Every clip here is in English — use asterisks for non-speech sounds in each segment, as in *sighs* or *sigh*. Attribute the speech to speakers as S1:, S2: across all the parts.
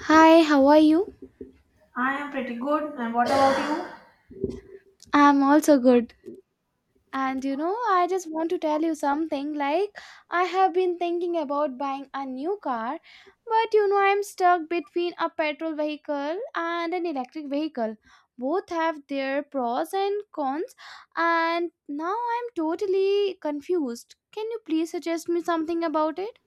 S1: Hi, how are you?
S2: I am pretty good. And what about you?
S1: I'm also good. And I just want to tell you something like I have been thinking about buying a new car, but I'm stuck between a petrol vehicle and an electric vehicle. Both have their pros and cons, and now I'm totally confused. Can you please suggest me something about it?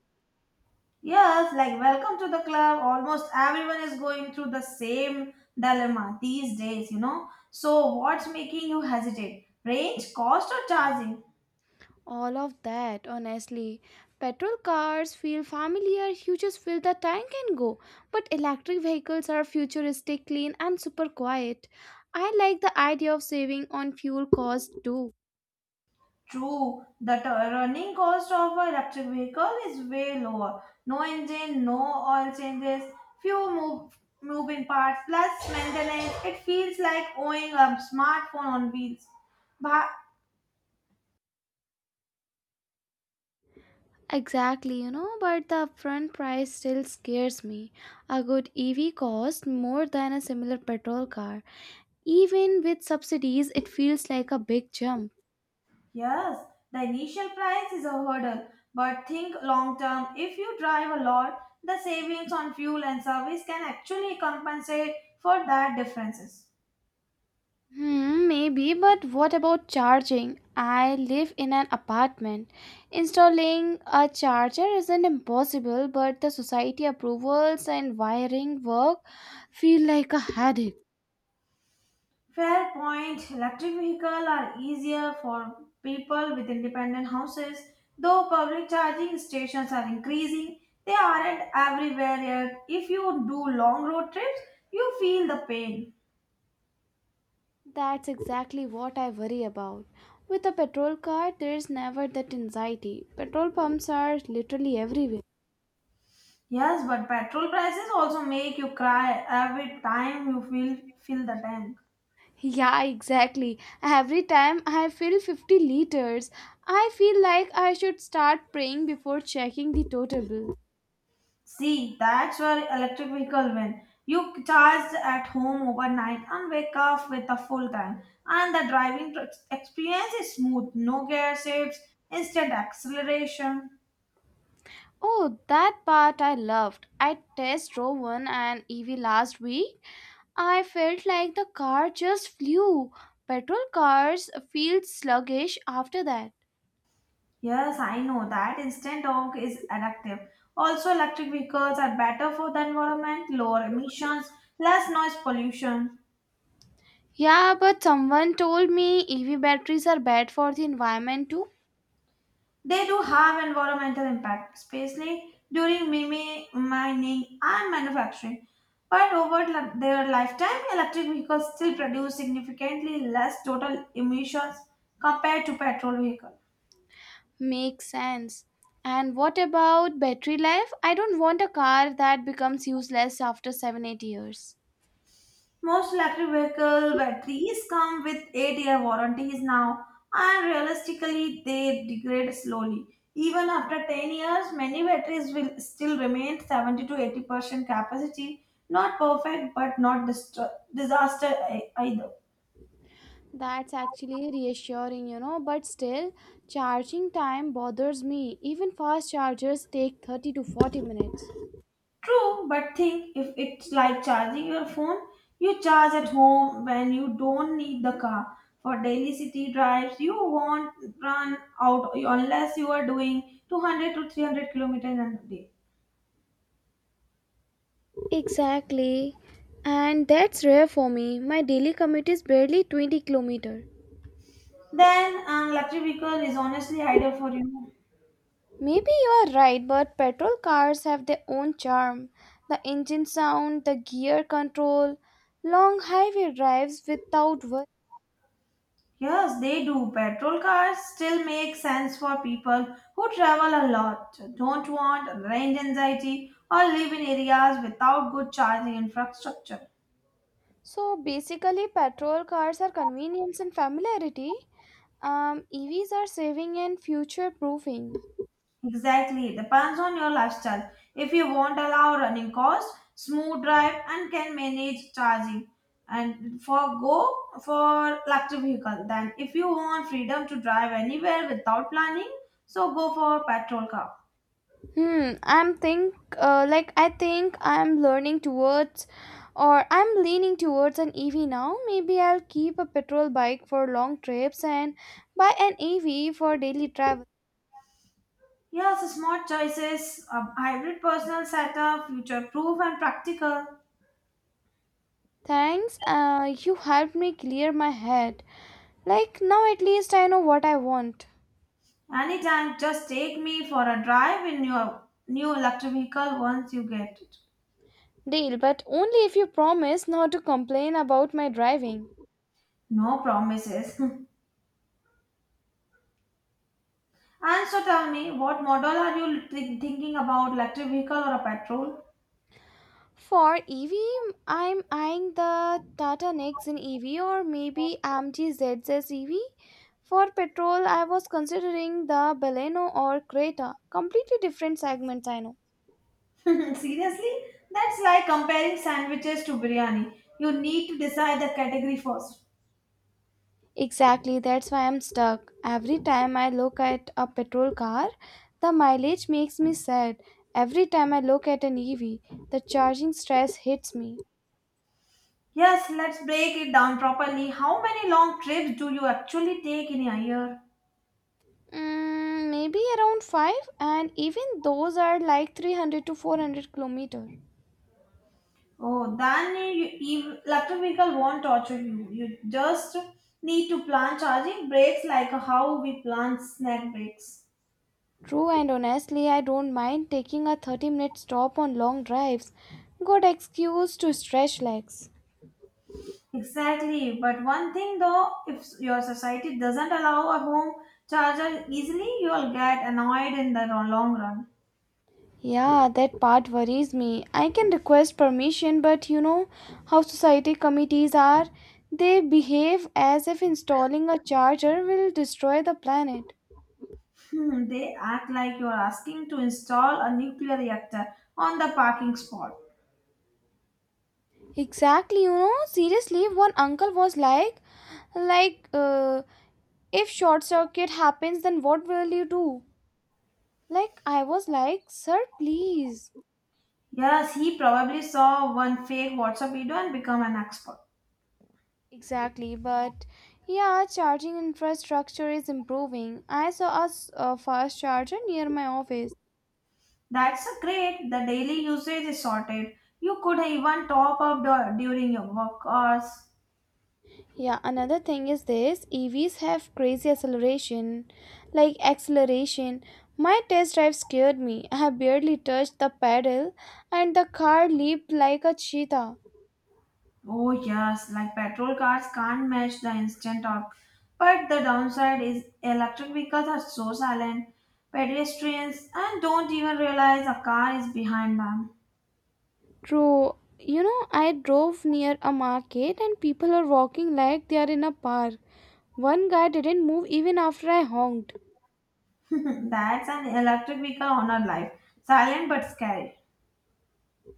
S2: Yes, like welcome to the club. Almost everyone is going through the same dilemma these days. So, what's making you hesitate? Range, cost, or charging?
S1: All of that, honestly. Petrol cars feel familiar, you just fill the tank and go. But electric vehicles are futuristic, clean, and super quiet. I like the idea of saving on fuel cost too.
S2: True, the running cost of an electric vehicle is way lower. No engine, no oil changes, few moving parts, plus maintenance. It feels like owning a smartphone on wheels. But.
S1: Exactly, but the upfront price still scares me. A good EV costs more than a similar petrol car. Even with subsidies, it feels like a big jump.
S2: Yes, the initial price is a hurdle, but think long term. If you drive a lot, the savings on fuel and service can actually compensate for that differences.
S1: Hmm, maybe, but what about charging? I live in an apartment. Installing a charger isn't impossible, but the society approvals and wiring work feel like a headache.
S2: Fair point. Electric vehicles are easier for people with independent houses, though public charging stations are increasing. They aren't everywhere yet. If you do long road trips, you feel the pain.
S1: That's exactly what I worry about. With a petrol card, there's never that anxiety. Petrol pumps are literally everywhere.
S2: Yes, but petrol prices also make you cry every time you feel fill the tank.
S1: Yeah, exactly. Every time I fill 50 liters, I feel like I should start praying before checking the total bill.
S2: See, that's where electric vehicle win. You charge at home overnight and wake up with a full tank, and the driving experience is smooth. No gear shifts, instant acceleration.
S1: Oh, that part I loved. I test drove one an EV last week. I felt like the car just flew. Petrol cars feel sluggish after that.
S2: Yes, I know that instant torque is addictive. Also, electric vehicles are better for the environment, lower emissions, less noise pollution.
S1: Yeah, but someone told me EV batteries are bad for the environment too.
S2: They do have environmental impact, especially during mining and manufacturing. But over their lifetime, electric vehicles still produce significantly less total emissions compared to petrol vehicles.
S1: Makes sense. And what about battery life? I don't want a car that becomes useless after 7 8 years.
S2: Most electric vehicle batteries come with 8-year warranties now, and realistically, they degrade slowly. Even after 10 years, many batteries will still remain 70 to 80% capacity. Not perfect, but not disaster either.
S1: That's actually reassuring, but still, charging time bothers me. Even fast chargers take 30 to 40 minutes.
S2: True, but think if it's like charging your phone, you charge at home when you don't need the car. For daily city drives, you won't run out unless you are doing 200 to 300 kilometers in a day.
S1: Exactly. And that's rare for me. My daily commute is barely 20 kilometer.
S2: Then an electric vehicle is honestly ideal for you.
S1: Maybe you are right, but petrol cars have their own charm. The engine sound, the gear control, long highway drives without.
S2: Yes, they do. Petrol cars still make sense for people who travel a lot, don't want range anxiety, or live in areas without good charging infrastructure.
S1: So basically, petrol cars are convenience and familiarity. EVs are saving and future proofing.
S2: Exactly. Depends on your lifestyle. If you won't allow running costs, smooth drive and can manage charging. And for electric vehicle. Then if you want freedom to drive anywhere without planning, so go for petrol car.
S1: Hmm. I'm think like I think I'm learning towards, or I'm leaning towards an EV now. Maybe I'll keep a petrol bike for long trips and buy an EV for daily travel.
S2: Yes, smart choices, a hybrid personal setup, future proof and practical.
S1: Thanks. You helped me clear my head. Like now, at least I know what I want.
S2: Anytime, just take me for a drive in your new electric vehicle once you get it.
S1: Deal, but only if you promise not to complain about my driving.
S2: No promises. *laughs* And so tell me, what model are you thinking about, electric vehicle or a petrol?
S1: For EV, I'm eyeing the Tata Nexon EV or maybe AMG ZS EV. For petrol, I was considering the Baleno or Creta. Completely different segments, I know.
S2: *laughs* Seriously? That's like comparing sandwiches to biryani. You need to decide the category first.
S1: Exactly, that's why I'm stuck. Every time I look at a petrol car, the mileage makes me sad. Every time I look at an EV, the charging stress hits me.
S2: Yes, let's break it down properly. How many long trips do you actually take in a year?
S1: Mm, maybe around 5, and even those are like 300 to 400 kilometer.
S2: Oh, then electric vehicle won't torture you. You just need to plan charging breaks like how we plan snack breaks.
S1: True, and honestly I don't mind taking a 30-minute stop on long drives. Good excuse to stretch legs.
S2: Exactly. But one thing though, if your society doesn't allow a home charger easily, you'll get annoyed in the long run.
S1: Yeah, that part worries me. I can request permission, but you know how society committees are. They behave as if installing a charger will destroy the planet.
S2: Hmm, they act like you're asking to install a nuclear reactor on the parking spot.
S1: Exactly, seriously, one uncle was like, if short circuit happens, then what will you do? Like, I was like, sir, please.
S2: Yes, he probably saw one fake WhatsApp video and become an expert.
S1: Exactly, but yeah, charging infrastructure is improving. I saw a fast charger near my office.
S2: That's a great. The daily usage is sorted. You could even top up during your work hours.
S1: Yeah, another thing is this EVs have crazy acceleration. Like, acceleration. My test drive scared me. I barely touched the pedal, and the car leaped like a cheetah.
S2: Oh yes, like petrol cars can't match the instant torque. But the downside is electric vehicles are so silent. Pedestrians and don't even realize a car is behind them.
S1: True. You know, I drove near a market and people are walking like they are in a park. One guy didn't move even after I honked.
S2: *laughs* That's an electric vehicle on our life. Silent but scary.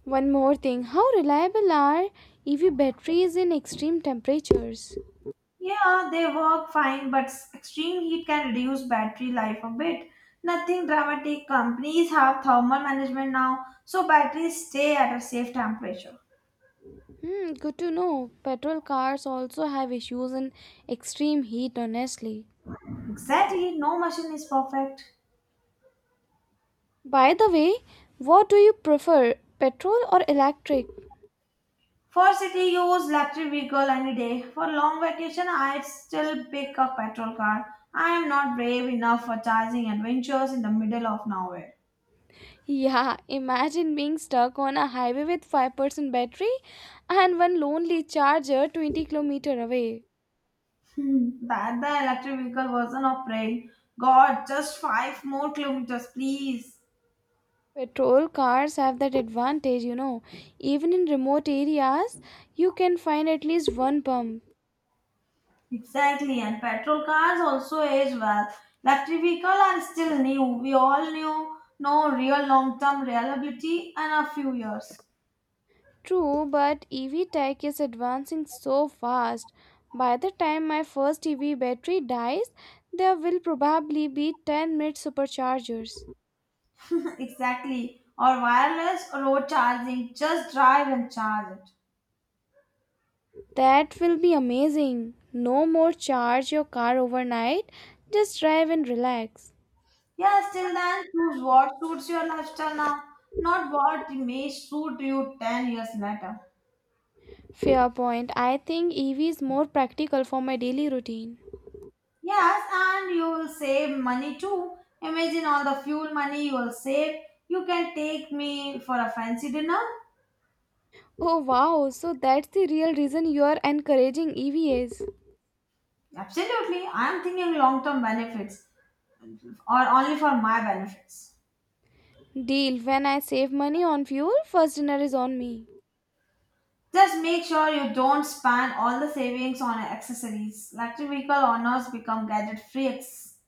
S1: One more thing, how reliable are EV batteries in extreme temperatures?
S2: Yeah, they work fine, but extreme heat can reduce battery life a bit. Nothing dramatic. Companies have thermal management now, so batteries stay at a safe temperature.
S1: Hmm, good to know. Petrol cars also have issues in extreme heat, honestly.
S2: Exactly, no machine is perfect.
S1: By the way, what do you prefer, petrol or electric?
S2: For city use, electric vehicle any day. For long vacation, I'd still pick a petrol car. I am not brave enough for charging adventures in the middle of nowhere.
S1: Yeah, imagine being stuck on a highway with 5% battery and one lonely charger 20 kilometer away.
S2: Hmm, that the electric vehicle version of praying, God, just 5 more kilometers, please.
S1: Petrol cars have that advantage, you know. Even in remote areas, you can find at least one pump.
S2: Exactly, and petrol cars also age well. Electric vehicles are still new. We all knew no real long-term reliability in a few years.
S1: True, but EV tech is advancing so fast. By the time my first EV battery dies, there will probably be 10-minute superchargers.
S2: *laughs* Exactly. Or wireless road charging. Just drive and charge it.
S1: That will be amazing. No more charge your car overnight. Just drive and relax.
S2: Yeah, still then choose what suits your lifestyle now, not what may suit you 10 years later.
S1: Fair point. I think EV is more practical for my daily routine.
S2: Yes, and you will save money too. Imagine all the fuel money you will save. You can take me for a fancy dinner.
S1: Oh wow, so that's the real reason you are encouraging EVAs.
S2: Absolutely. I am thinking long term benefits or only for my benefits.
S1: Deal, when I save money on fuel, first dinner is on me.
S2: Just make sure you don't spend all the savings on accessories. Electric vehicle owners become gadget freaks.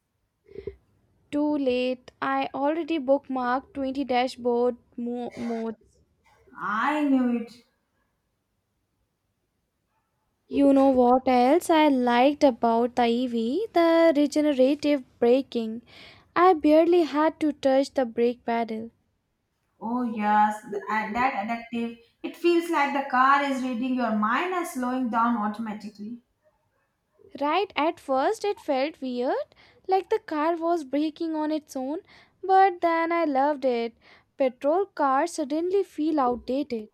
S1: Too late. I already bookmarked 20 dashboard modes.
S2: I knew it.
S1: You know what else I liked about the EV? The regenerative braking. I barely had to touch the brake pedal.
S2: Oh yes, that addictive. It feels like the car is reading your mind and slowing down automatically.
S1: Right at first, it felt weird, like the car was braking on its own, but then I loved it. Petrol cars suddenly feel outdated.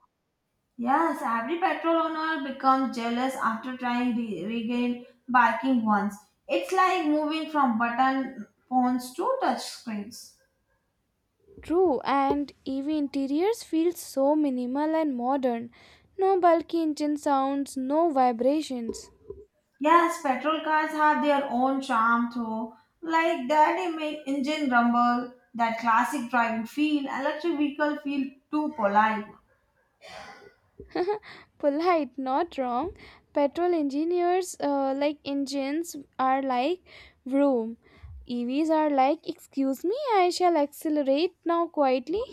S2: Yes, every petrol owner becomes jealous after trying to regain biking once. It's like moving from button phones to touch screens.
S1: True, and EV interiors feel so minimal and modern. No bulky engine sounds, no vibrations.
S2: Yes, petrol cars have their own charm too. Like that they make engine rumble, that classic driving feel, electric vehicle feel too polite. *laughs*
S1: Polite, not wrong. Petrol engineers like engines are like vroom. EVs are like, excuse me, I shall accelerate now quietly.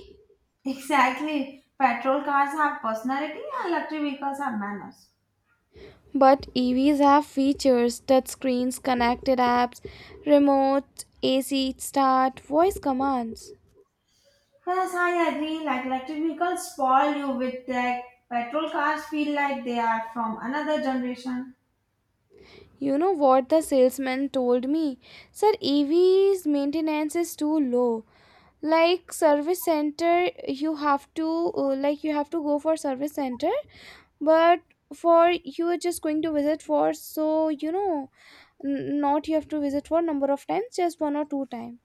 S2: Exactly. Petrol cars have personality and electric vehicles have manners.
S1: But EVs have features: touch screens, connected apps, remote AC start, voice commands.
S2: Yes, I agree. Like electric vehicles spoil you with tech. Petrol cars feel like they are from another generation.
S1: You know what the salesman told me? Sir, EV's maintenance is too low. Like, service center, you have to like, you have to go for service center, but for you are just going to visit for, not you have to visit for number of times, just one or two times.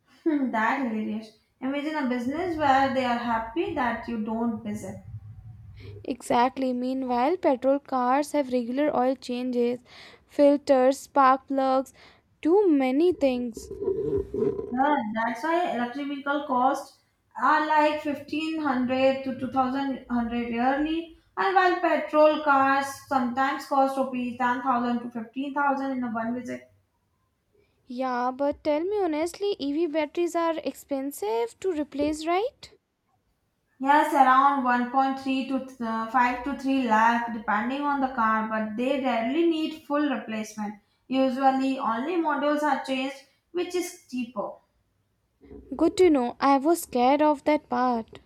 S2: *laughs* Hmm, that hilarious. Imagine a business where they are happy that you don't visit.
S1: Exactly. Meanwhile, petrol cars have regular oil changes, filters, spark plugs, too many things.
S2: Yeah, that's why electrical costs are like 1,500 to two thousand hundred yearly, and while petrol cars sometimes cost rupees 10,000 to 15,000 in a one visit.
S1: Yeah, but tell me honestly, EV batteries are expensive to replace, right?
S2: Yes, around 1.3 to 5 to 3 lakh depending on the car, but they rarely need full replacement. Usually, only models are changed, which is cheaper.
S1: Good to know, I was scared of that part.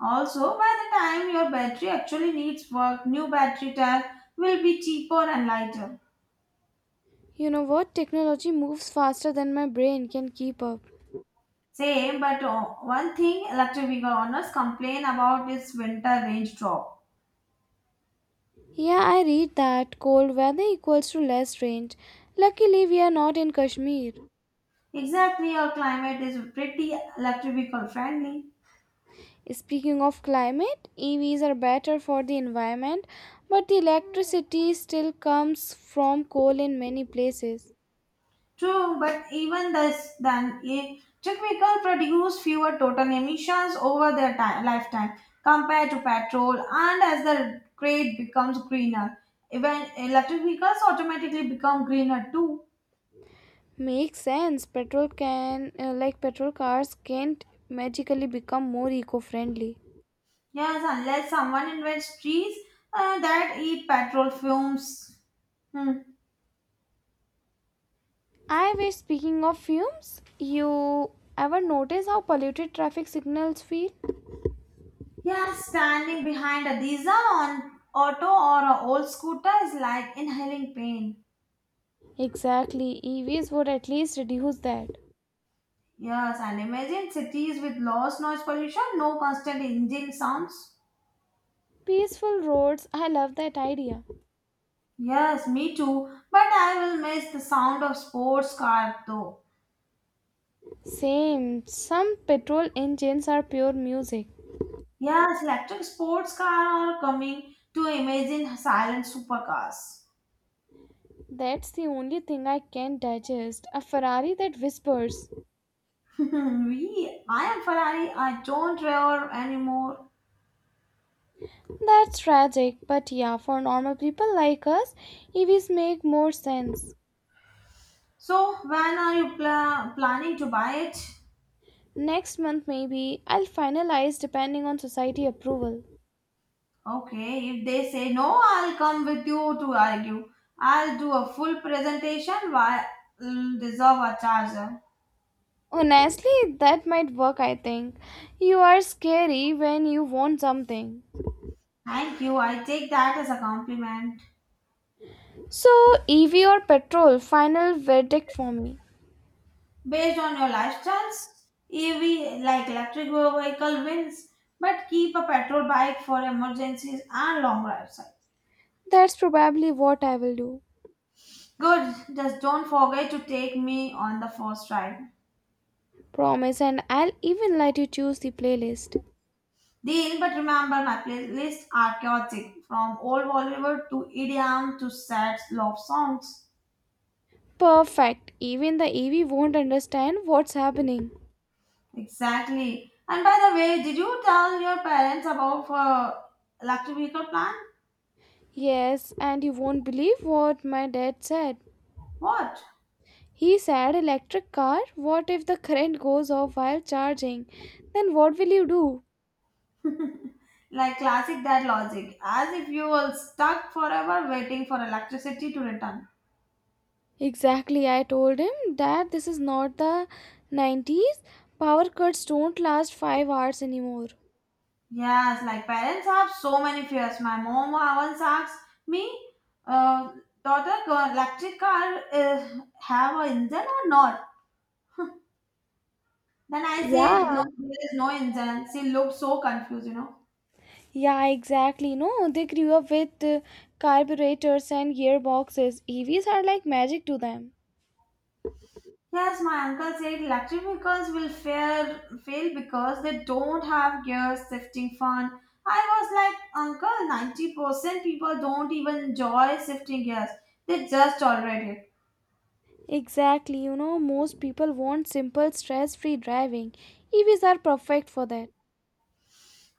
S2: Also, by the time your battery actually needs work, new battery tag will be cheaper and lighter.
S1: You know what, technology moves faster than my brain can keep up.
S2: Same, but one thing electric vehicle owners complain about is winter range drop.
S1: Yeah, I read that cold weather equals to less range. Luckily, we are not in Kashmir.
S2: Exactly, our climate is pretty electric vehicle friendly.
S1: Speaking of climate, EVs are better for the environment, but the electricity still comes from coal in many places.
S2: True, but even this, then electric vehicle produce fewer total emissions over their lifetime compared to petrol. And as the grid becomes greener, even electric vehicles automatically become greener too.
S1: Makes sense. Like petrol cars, can't magically become more eco-friendly.
S2: Yes, unless someone invents trees that eat petrol fumes. Hmm.
S1: I wish. Speaking of fumes, you ever notice how polluted traffic signals feel?
S2: Yeah, standing behind a diesel on auto or a old scooter is like inhaling pain.
S1: Exactly. EVs would at least reduce that.
S2: Yes, and imagine cities with lost noise pollution, no constant engine sounds.
S1: Peaceful roads, I love that idea.
S2: Yes, me too. But I will miss the sound of sports car though.
S1: Same, some petrol engines are pure music.
S2: Yes, electric sports car are coming to imagine silent supercars.
S1: That's the only thing I can digest, a Ferrari that whispers.
S2: *laughs* I am Ferrari. I don't roar anymore.
S1: That's tragic, but yeah, for normal people like us, EVs make more sense.
S2: So when are you planning to buy it?
S1: Next month, maybe, I'll finalize depending on society approval.
S2: Okay, if they say no, I'll come with you to argue. I'll do a full presentation while deserve a charger.
S1: Honestly, that might work, I think. You are scary when you want something.
S2: Thank you. I take that as a compliment.
S1: So, EV or petrol, final verdict for me.
S2: Based on your life chance, EV like electric vehicle wins, but keep a petrol bike for emergencies and long rides.
S1: That's probably what I will do.
S2: Good. Just don't forget to take me on the first ride.
S1: Promise, and I'll even let you choose the playlist.
S2: Deal, but remember my playlists are chaotic from old Bollywood to EDM to sad love songs.
S1: Perfect. Even the EV won't understand what's happening.
S2: Exactly. And by the way, did you tell your parents about electric vehicle plan?
S1: Yes, and you won't believe what my dad said.
S2: What?
S1: He said, "Electric car, what if the current goes off while charging? Then what will you do?"
S2: Like classic dad logic, as if you were stuck forever waiting for electricity to return.
S1: Exactly, I told him that this is not the 90s. Power cuts don't last 5 hours anymore.
S2: Yes, like parents have so many fears. My mom once asked me, uh, daughter, electric car have a engine or not? Then I said, no,
S1: Yeah.
S2: there is no engine. She looked so confused.
S1: Yeah, exactly. No, they grew up with carburetors and gearboxes. EVs are like magic to them.
S2: Yes, my uncle said electric vehicles will fail because they don't have gear shifting fun. I was like, Uncle, 90% people don't even enjoy shifting gears. They just tolerate it.
S1: Exactly. You know, most people want simple, stress free driving. EVs are perfect for that.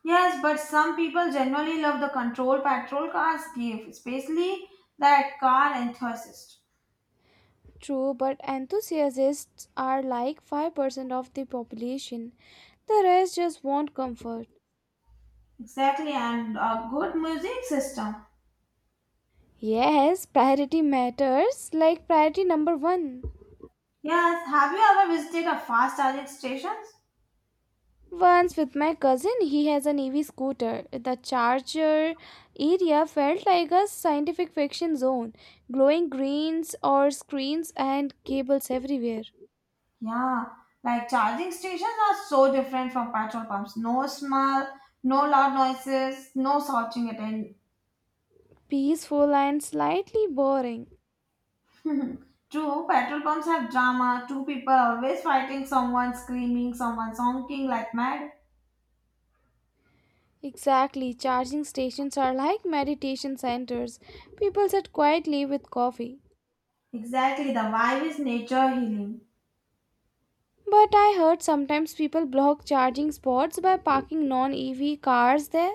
S2: Yes, but some people generally love the control petrol cars give, especially that car enthusiast.
S1: True, but enthusiasts are like 5% of the population. The rest just want comfort.
S2: Exactly, and a good music system.
S1: Yes, priority matters, like priority number one.
S2: Yes, have you ever visited a fast charging station?
S1: Once with my cousin, he has an EV scooter. The charger area felt like a scientific fiction zone, glowing greens or screens and cables everywhere.
S2: Yeah, like charging stations are so different from petrol pumps. No smell, no loud noises, no slouching at end.
S1: Peaceful and slightly boring.
S2: *laughs* True, petrol pumps have drama. Two people always fighting, someone screaming, someone honking like mad.
S1: Exactly, charging stations are like meditation centers. People sit quietly with coffee.
S2: Exactly, the vibe is nature healing.
S1: But I heard sometimes people block charging spots by parking non EV cars there.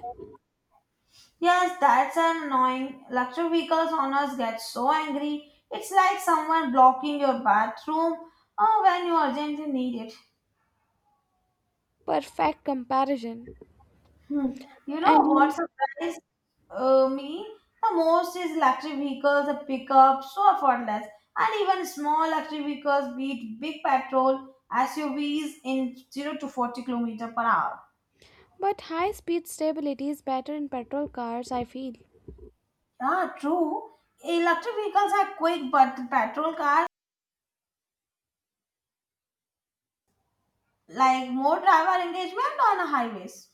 S2: Yes, that's an annoying. Luxury vehicles owners get so angry. It's like someone blocking your bathroom or when you urgently need it.
S1: Perfect comparison.
S2: Hmm. You know
S1: And
S2: what
S1: you
S2: surprised me the most is electric vehicles, the pickup, so effortless, and even small electric vehicles beat big petrol SUVs in 0 to 40 kilometer per hour.
S1: But high speed stability is better in petrol cars, I feel.
S2: Yeah, true. Electric vehicles are quick, but the petrol cars like more driver engagement on highways.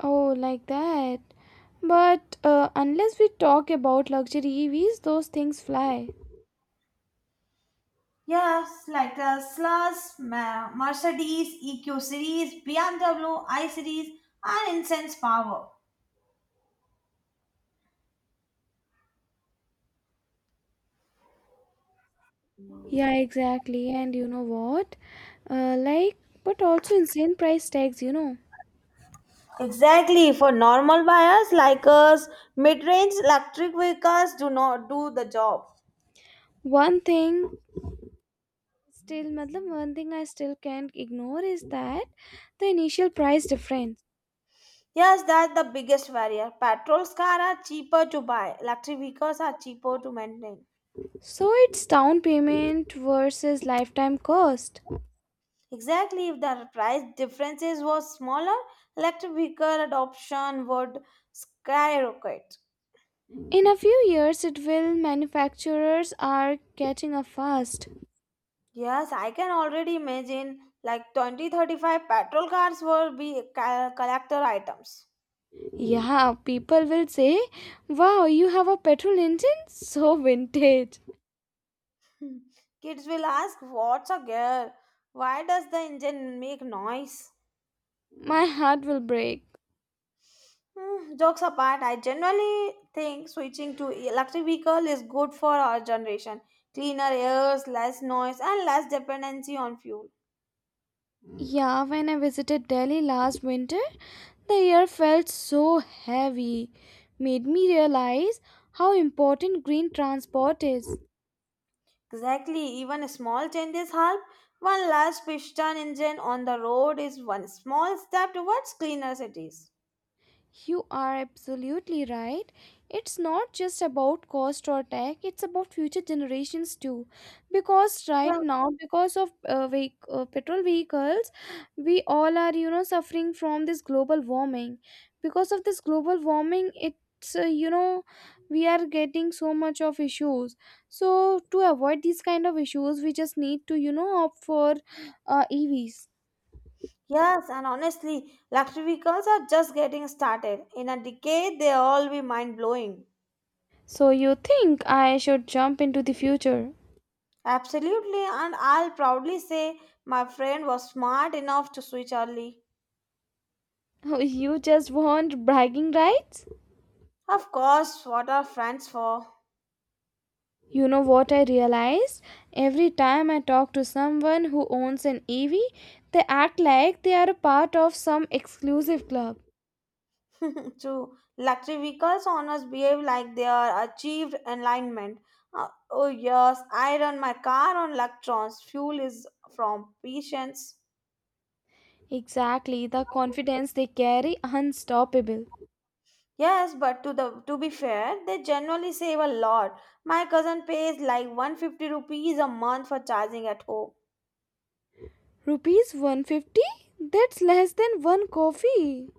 S1: Oh, like that. But unless we talk about luxury EVs, those things fly.
S2: Yes, like Teslas, Mercedes, EQ series, BMW, I series, and incense power.
S1: Yeah, exactly. And you know what? Like, but also insane price tags, you know.
S2: Exactly. For normal buyers like us, mid-range electric vehicles do not do the job.
S1: One thing one thing I still can't ignore is that the initial price difference.
S2: Yes, that's the biggest barrier. Petrol cars are cheaper to buy. Electric vehicles are cheaper to maintain.
S1: So it's down payment versus lifetime cost.
S2: Exactly. If the price differences was smaller, electric vehicle adoption would skyrocket.
S1: In a few years, it will. Manufacturers are catching up fast.
S2: Yes, I can already imagine like 2035 petrol cars will be collector items.
S1: Yeah, people will say, "Wow, you have a petrol engine? *laughs* So vintage."
S2: Hmm. Kids will ask, What's a gear? Why does the engine make noise?
S1: My heart will break.
S2: Hmm, jokes apart, I generally think switching to electric vehicle is good for our generation. Cleaner airs, less noise, and less dependency on fuel.
S1: Yeah, when I visited Delhi last winter, the air felt so heavy. Made me realize how important green transport is.
S2: Exactly, even small changes help. One large piston engine on the road is one small step towards cleaner cities.
S1: You are absolutely right. It's not just about cost or tech, it's about future generations too. Because right
S2: Well,
S1: now, because of petrol vehicles, we all are, suffering from this global warming. Because of this global warming, we are getting so much of issues. So, to avoid these kind of issues, we just need to, opt for EVs.
S2: yes, and honestly, electric vehicles are just getting started. In a decade, they'll all be mind blowing.
S1: So, you think I should jump into the future?
S2: Absolutely, and I'll proudly say my friend was smart enough to switch early.
S1: Oh, you just want bragging rights?
S2: Of course, what are friends for?
S1: You know what I realized? Every time I talk to someone who owns an EV, they act like they are a part of some exclusive club.
S2: *laughs* True. Luxury vehicles owners behave like they are achieved enlightenment. Oh, yes, I run my car on electrons. Fuel is from patience.
S1: Exactly, the confidence they carry unstoppable.
S2: Yes, but to be fair, they generally save a lot. My cousin pays like 150 rupees a month for charging at home.
S1: Rupees 150? That's less than one coffee.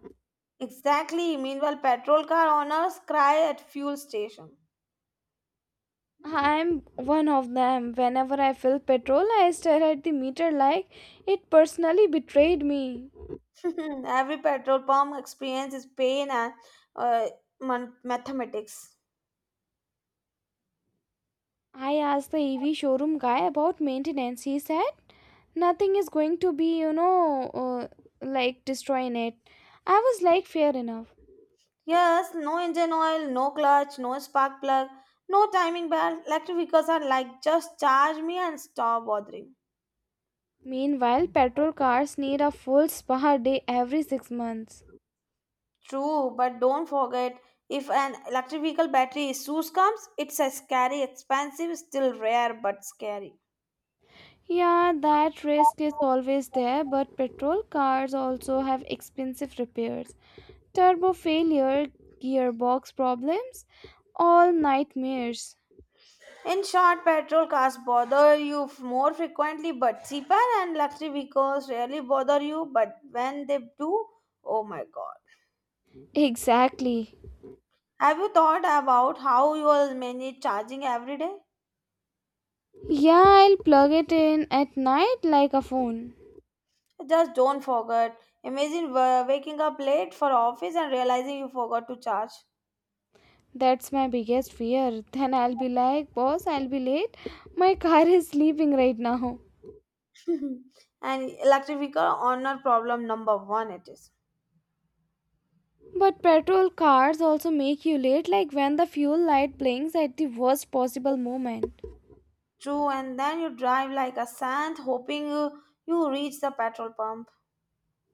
S2: Exactly. Meanwhile, petrol car owners cry at fuel station.
S1: I'm one of them. Whenever I fill petrol, I stare at the meter like it personally betrayed me.
S2: *laughs* Every petrol pump experience is pain and uh, mathematics.
S1: I asked the EV showroom guy about maintenance. He said nothing is going to be, like, destroying it. I was like, fair enough.
S2: Yes, no engine oil, no clutch, no spark plug, no timing belt. Electric vehicles are like just charge me and stop bothering.
S1: Meanwhile, petrol cars need a full spa day every 6 months.
S2: True, but don't forget, if an electric vehicle battery issues comes, it's a scary, expensive, still rare but scary.
S1: Yeah, that risk is always there, but petrol cars also have expensive repairs. Turbo failure, gearbox problems, all nightmares.
S2: In short, petrol cars bother you more frequently, but cheaper and luxury vehicles rarely bother you. But when they do, oh my god.
S1: Exactly.
S2: Have you thought about how you will manage charging every day?
S1: Yeah, I'll plug it in at night like a phone.
S2: Just don't forget. Imagine waking up late for office and realizing you forgot to charge.
S1: That's my biggest fear. Then I'll be like, boss, I'll be
S2: *laughs*
S1: late. My car is sleeping right now.
S2: And electric vehicle owner problem number one it is.
S1: But petrol cars also make you late, like when the fuel light blinks at the worst possible moment.
S2: True, and then you drive like a saint hoping you reach the petrol pump.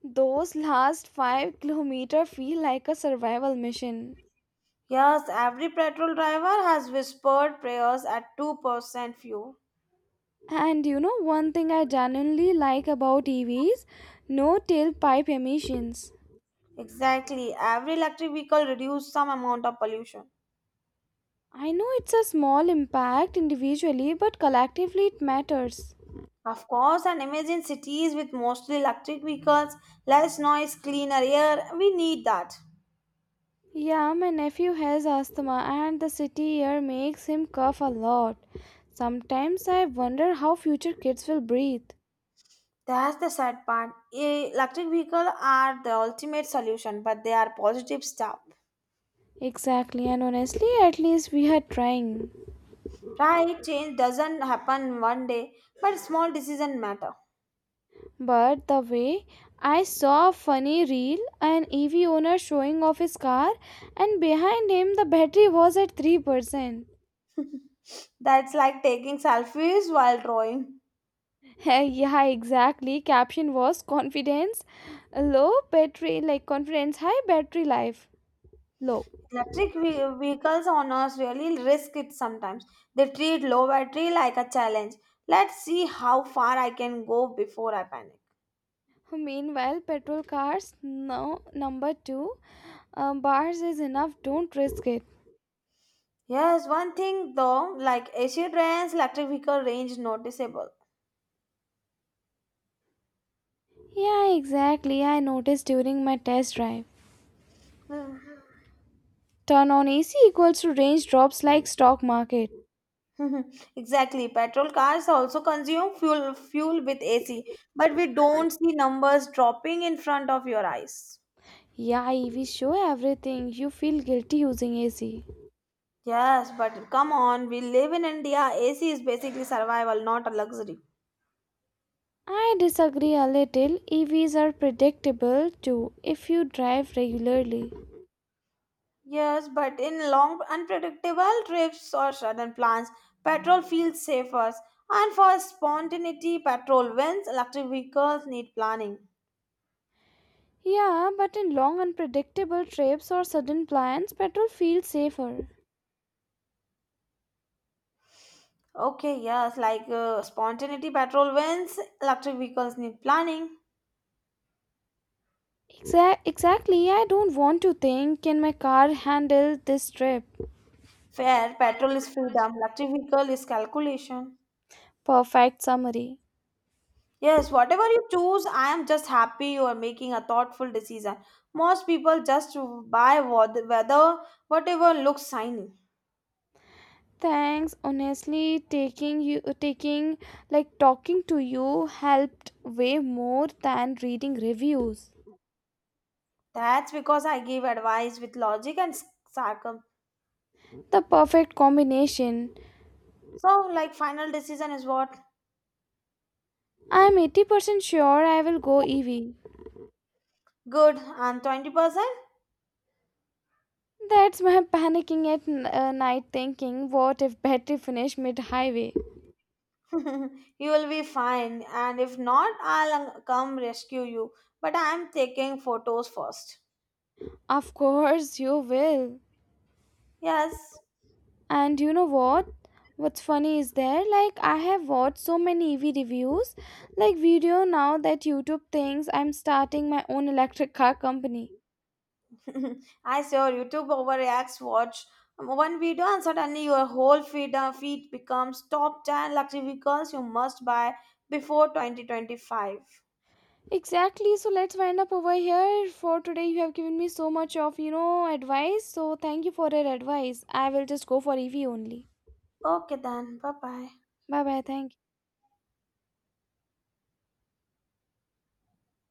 S1: Those last 5-kilometer feel like a survival mission.
S2: Yes, every petrol driver has whispered prayers at 2% fuel.
S1: And you know one thing I genuinely like about EVs? No tailpipe emissions.
S2: Exactly, every electric vehicle reduces some amount of pollution.
S1: I know it's a small impact individually, but collectively it matters.
S2: Of course, and imagine cities with mostly electric vehicles, less noise, cleaner air, we need that.
S1: Yeah, my nephew has asthma and the city air makes him cough a lot. Sometimes I wonder how future kids will breathe.
S2: That's the sad part. Electric vehicles are the ultimate solution, but they are positive stuff.
S1: Exactly, and honestly, at least we are trying.
S2: Right, change doesn't happen one day, but small decisions matter.
S1: But the way, I saw a funny reel, an EV owner showing off his car, and behind him the battery was at 3%.
S2: *laughs* That's like taking selfies while drawing.
S1: *laughs* Yeah, exactly. Caption was confidence low battery, like confidence high, battery life low.
S2: Electric vehicles owners really risk it sometimes. They treat low battery like a challenge. Let's see how far I can go before I panic.
S1: Meanwhile, petrol cars, no, number two, bars is enough, don't risk it.
S2: Yes, one thing though, like AC trains, electric vehicle range noticeable.
S1: Yeah, exactly. I noticed during my test drive.
S2: *sighs*
S1: Turn on AC equals to range drops like stock market.
S2: Hmm. *laughs* Exactly. Petrol cars also consume fuel with AC, but we don't see numbers dropping in front of your eyes.
S1: Yeah, EVs show everything. You feel guilty using AC.
S2: Yes, but come on, we live in India. AC is basically survival, not a luxury.
S1: I disagree a little. EVs are predictable too if you drive regularly.
S2: Yes, but in long, unpredictable trips or sudden plans, petrol feels safer. And for spontaneity, petrol wins. Electric vehicles need planning.
S1: Yeah, but in long unpredictable trips or sudden plans, petrol feels safer.
S2: Okay, yes, like spontaneity, petrol wins. Electric vehicles need planning.
S1: Exactly, I don't want to think, can my car handle this trip?
S2: Fair, petrol is freedom. Electric vehicle is calculation.
S1: Perfect summary.
S2: Yes, whatever you choose, I am just happy you are making a thoughtful decision. Most people just buy whatever looks shiny.
S1: Thanks. Honestly, taking you taking like, talking to you helped way more than reading reviews.
S2: That's because I give advice with logic and sarcasm.
S1: The perfect combination.
S2: So, like, final decision is what?
S1: I'm 80% sure I will go EV.
S2: Good. And 20%?
S1: That's my *laughs* panicking at night, thinking, what if battery finish mid highway?
S2: *laughs* You will be fine. And if not, I'll come rescue you. But I'm taking photos first.
S1: Of course you will.
S2: Yes.
S1: And you know what? What's funny is there, like, I have watched so many EV reviews, like, video now that YouTube thinks I'm starting my own electric car company.
S2: *laughs* I saw YouTube overreacts. Watch one video, and suddenly your whole feed becomes top 10 luxury vehicles you must buy before 2025.
S1: Exactly, so let's wind up over here. For today, you have given me so much of, advice. So, thank you for your advice. I will just go for EV only.
S2: Okay, then. Bye bye.
S1: Bye bye, thank